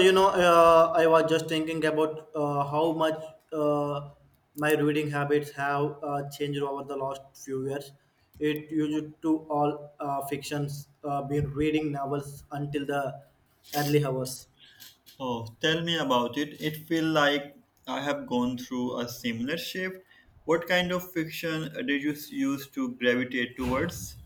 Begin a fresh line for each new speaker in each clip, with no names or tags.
I was just thinking about how much uh, my reading habits have changed over the last few years. It used to all fictions, been reading novels until the early hours,
Oh, tell me about it. It feel like I have gone through a similar shift. What kind of fiction did you use to gravitate towards?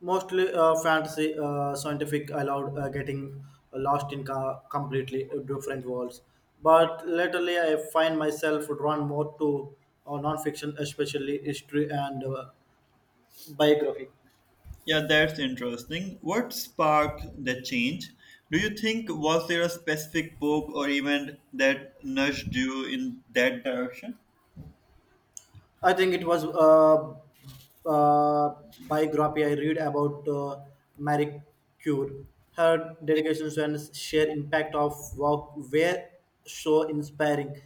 mostly fantasy, scientific. Allowed getting lost in completely different worlds, but latterly I find myself drawn more to non-fiction, especially history and biography.
Yeah, that's interesting. What sparked the change? Do you think was there a specific book or event that nudged you in that direction?
I think it was a, uh biography I read about Marie Curie. Her dedication and sheer impact of work were so inspiring.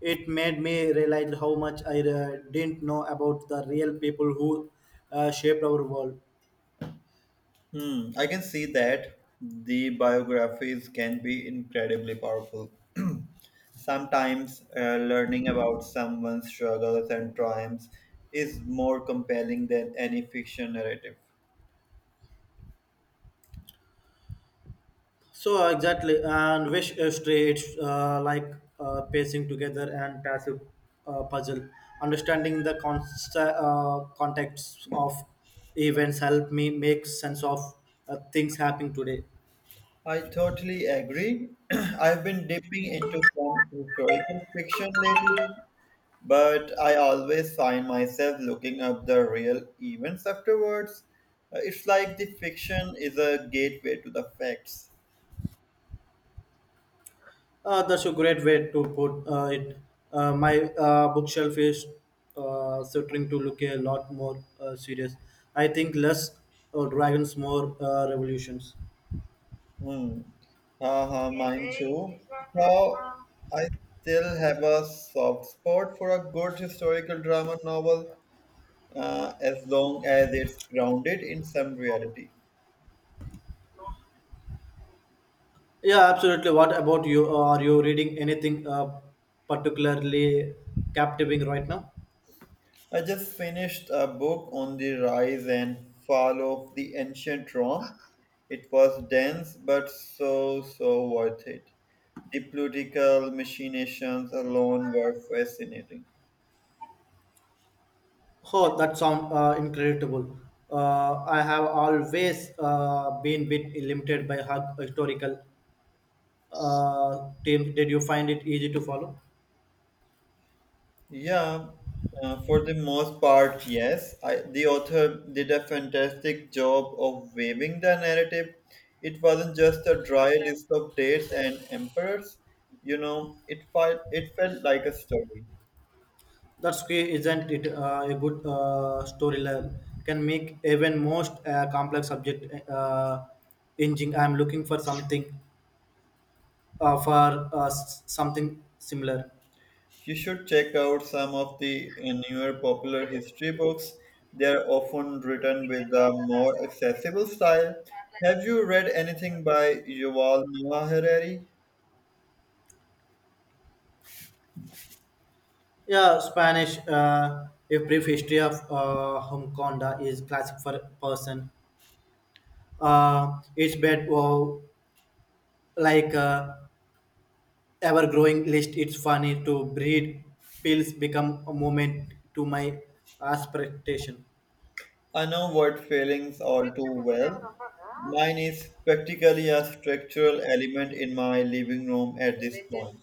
It made me realize how much I didn't know about the real people who shaped our world.
Hmm, I can see that the biographies can be incredibly powerful. Sometimes learning about someone's struggles and triumphs is more compelling than any fiction narrative.
So exactly, and wish straits like pacing together and passive puzzle. Understanding the context of events help me make sense of things happening today.
I totally agree. I've been dipping into some historical fiction lately, but I always find myself looking up the real events afterwards. It's like the fiction is a gateway to the facts.
That's a great way to put it. My bookshelf is starting to look a lot more serious. I think less dragons, more revolutions.
Hmm. Haha, mine too. Though I still have a soft spot for a good historical drama novel, as long as it's grounded in some reality.
Yeah, absolutely. What about you? Are you reading anything particularly captivating right now?
I just finished a book on the rise and fall of the ancient Rome. It was dense, but so, so worth it. The political machinations alone were fascinating.
Oh, that sounds incredible. I have always been bit limited by her historical team. Did you find it easy to follow?
Yeah, for the most part, yes. The author did a fantastic job of weaving the narrative. It wasn't just a dry list of dates and emperors. You know, it felt like a story.
That's key, isn't it? A good storyline can make even most complex subject engine. I'm looking for something something similar.
You should check out some of the newer popular history books. They are often written with a more accessible style. Have you read anything by Yuval Noah Harari?
Yeah, Spanish. A brief history of Humconda is classic for person. It's bad, wow, like ever-growing list. It's funny to breed pills become a moment to my aspiration.
I know what feelings all too well. Mine is practically a structural element in my living room at this point.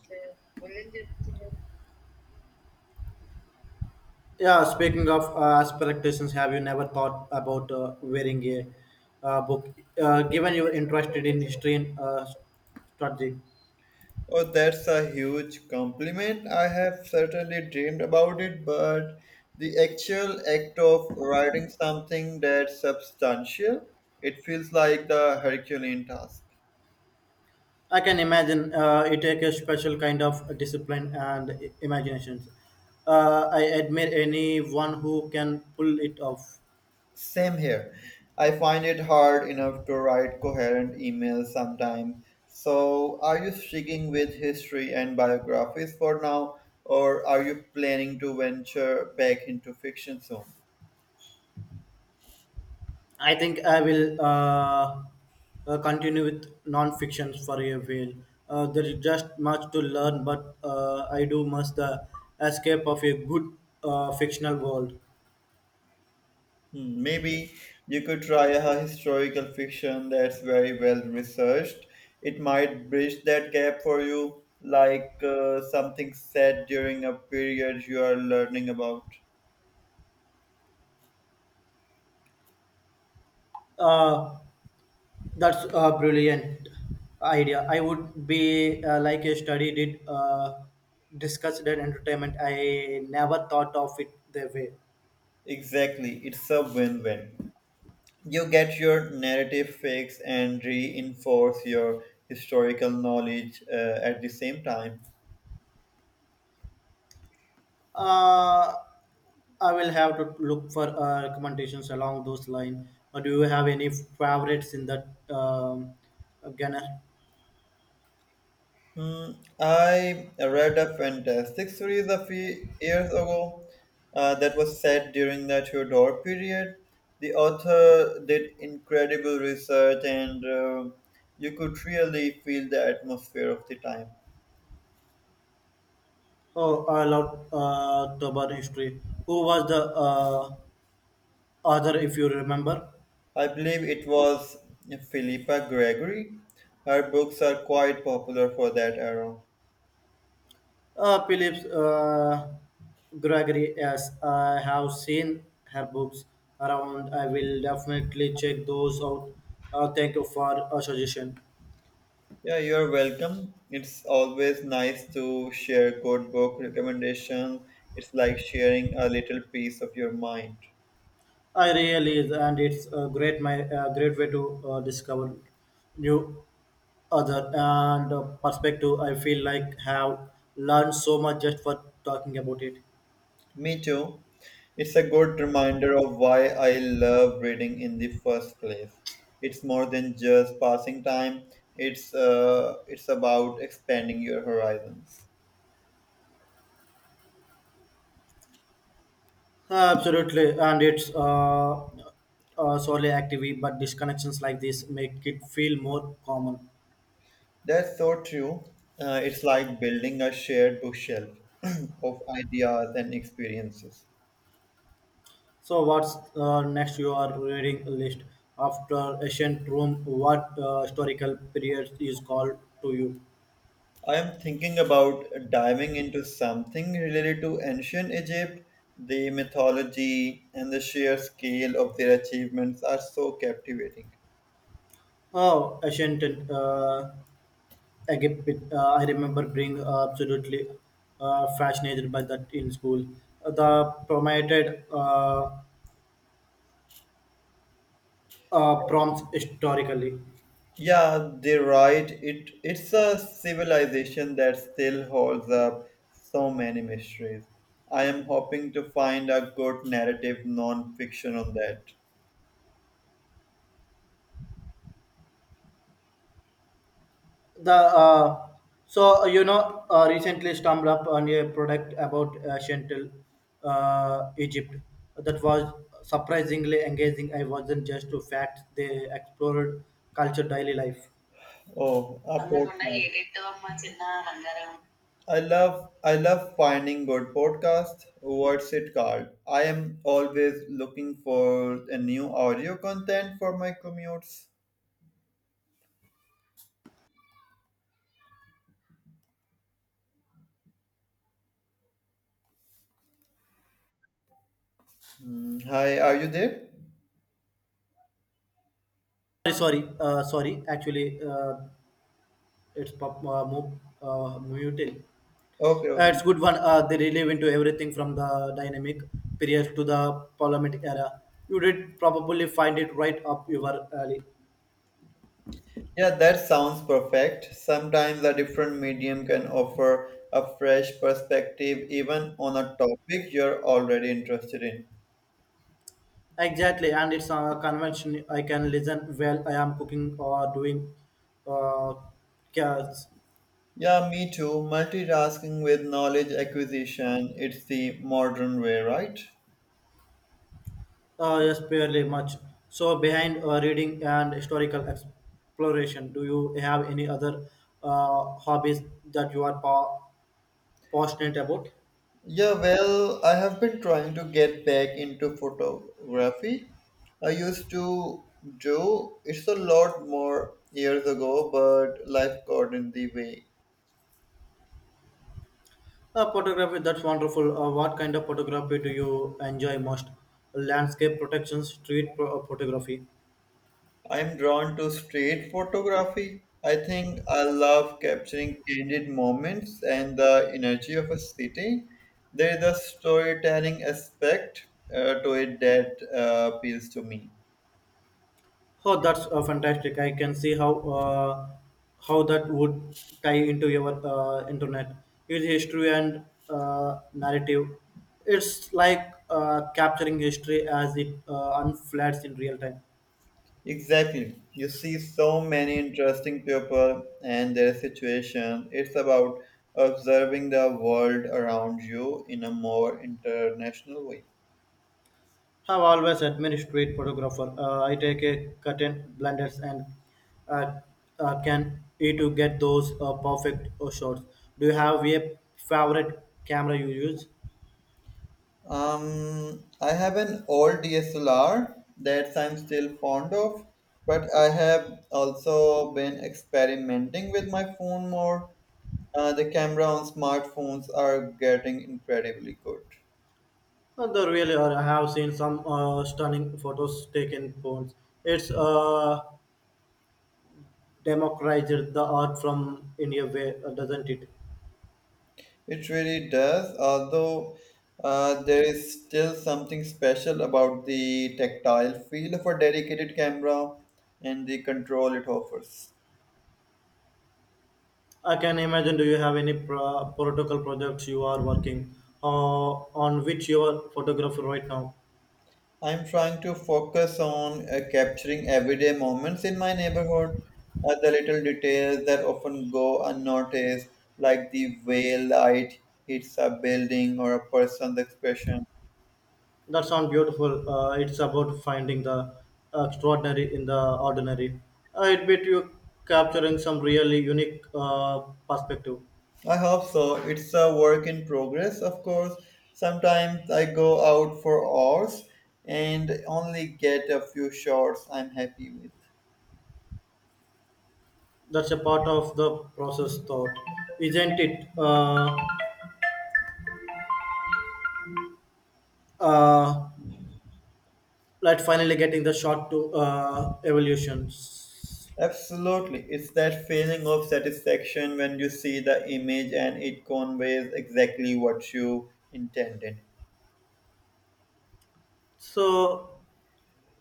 Yeah, speaking of aspirations, have you never thought about wearing a book? Given you're interested in history and strategy.
Oh, that's a huge compliment. I have certainly dreamed about it, but the actual act of writing something that's substantial, it feels like the Herculean task.
I can imagine it takes a special kind of discipline and imagination. I admire anyone who can pull it off.
Same here. I find it hard enough to write coherent emails sometimes. So, are you sticking with history and biographies for now, or are you planning to venture back into fiction soon?
I think I will continue with non-fiction for a while. There is just much to learn, but I do miss the escape of a good fictional world.
Hmm, maybe you could try a historical fiction that's very well researched. It might bridge that gap for you, like something said during a period you are learning about.
Uh, That's a brilliant idea. I would be like a study did discuss that entertainment. I never thought of it that way.
Exactly, it's a win win. You get your narrative fix and reinforce your historical knowledge at the same time.
Uh, I will have to look for recommendations along those lines. Or do you have any favorites in that genre?
Hmm, I read a fantastic series a few years ago that was set during the Tudor period. The author did incredible research, and you could really feel the atmosphere of the time.
Oh, I love Tobar history. Who was the author, if you remember?
I believe it was Philippa Gregory. Her books are quite popular for that era.
Phillips Gregory, yes, I have seen her books around. I will definitely check those out. Thank you for a suggestion.
Yeah, you're welcome. It's always nice to share code book recommendations. It's like sharing a little piece of your mind.
I really is, and it's a great way to discover new other and perspective. I feel like have learned so much just for talking about it.
Me too. It's a good reminder of why I love reading in the first place. It's more than just passing time. It's about expanding your horizons.
Absolutely, and it's solely active, but disconnections like this make it feel more common.
That's so true. It's like building a shared bookshelf of ideas and experiences.
So, what's next your reading list after ancient Rome? What historical period is called to you?
I am thinking about diving into something related to ancient Egypt. The mythology and the sheer scale of their achievements are so captivating.
Oh, ancient Egypt. I remember being absolutely fascinated by that in school. The promoted prompts historically.
Yeah, they're right. It's a civilization that still holds up so many mysteries. I am hoping to find a good narrative non-fiction on that.
The so you know recently stumbled up on a product about ancient Egypt that was surprisingly engaging. I wasn't just to facts; they explored culture, daily life.
Oh, a podcast. I love finding good podcasts. What's it called? I am always looking for a new audio content for my commutes. Hmm, hi, are you there?
Sorry, sorry, sorry. Actually, it's mutil.
Okay,
Uh,
okay.
it's good one. They really went to everything from the dynamic period to the parliament era. You did probably find it right up your alley.
Yeah, that sounds perfect. Sometimes a different medium can offer a fresh perspective even on a topic you're already interested in.
Exactly, and it's a convention I can listen while I am cooking or doing uh, cats.
Yeah, me too. Multitasking with knowledge acquisition, it's the modern way, right?
Yes, barely much. So behind reading and historical exploration, do you have any other hobbies that you are passionate about?
Yeah, well, I have been trying to get back into photography. I used to do it's a lot more years ago, but life got in the way.
Photography, that's wonderful. What kind of photography do you enjoy most? Landscape protection, street photography.
I'm drawn to street photography. I think I love capturing candid moments and the energy of a city. There is a storytelling aspect to it that appeals to me.
Oh, that's fantastic! I can see how that would tie into your internet, its history and narrative. It's like capturing history as it unfolds in real time.
Exactly. You see so many interesting people and their situation. It's about observing the world around you in a more international way.
I've always admired street photographer. I take a curtain blenders and uh, can you to get those perfect shots. Do you have a favorite camera you use?
I have an old DSLR that I'm still fond of, but I have also been experimenting with my phone more. The camera on smartphones are getting incredibly good.
They really are. I have seen some stunning photos taken phones. It's democratized the art from India, way, doesn't it?
It really does, although there is still something special about the tactile feel of a dedicated camera and the control it offers.
I can imagine. Do you have any protocol projects you are working uh, on which you are photographer right now?
I'm trying to focus on capturing everyday moments in my neighborhood, the little details that often go unnoticed, like the way light hits a building or a person's expression.
That sounds beautiful. It's about finding the extraordinary in the ordinary. I bet you capturing some really unique perspective.
I hope so. It's a work in progress, of course. Sometimes I go out for hours and only get a few shots I'm happy with.
That's a part of the process thought, isn't it, uh, like finally getting the shot to evolutions.
Absolutely. It's that feeling of satisfaction when you see the image and it conveys exactly what you intended.
so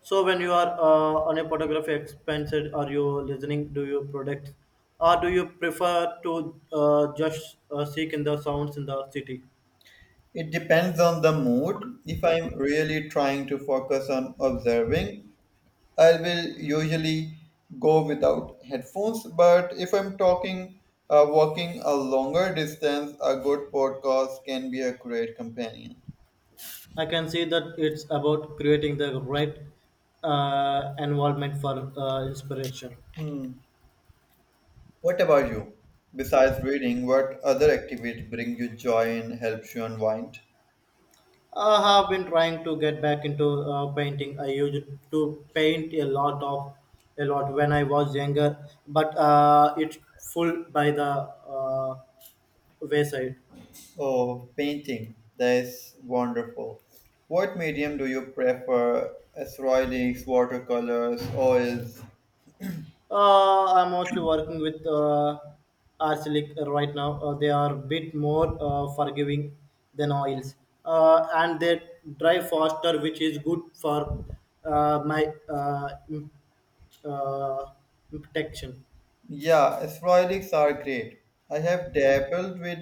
so when you are on a photography expensive are you listening do you product or do you prefer to just seek in the sounds in the city.
It depends on the mood. If I'm really trying to focus on observing, I will usually go without headphones, but if I'm talking, walking a longer distance, a good podcast can be a great companion.
I can see that it's about creating the right environment for inspiration.
Hmm. What about you? Besides reading, what other activities bring you joy and helps you unwind?
I have been trying to get back into painting. I used to paint a lot when I was younger, but it's full by the wayside.
Oh, painting. That's wonderful. What medium do you prefer? Acrylics, watercolors, oils?
I'm mostly working with acrylic right now. They are a bit more forgiving than oils, and they dry faster, which is good for my uh, protection.
Yeah, sporadics are great. I have dabbled with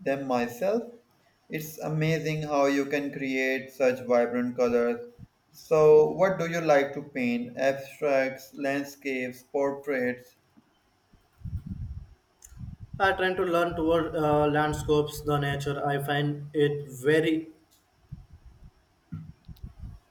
them myself. It's amazing how you can create such vibrant colors. So, what do you like to paint? Abstracts, landscapes, portraits?
I trying to learn toward landscapes, the nature. I find it very,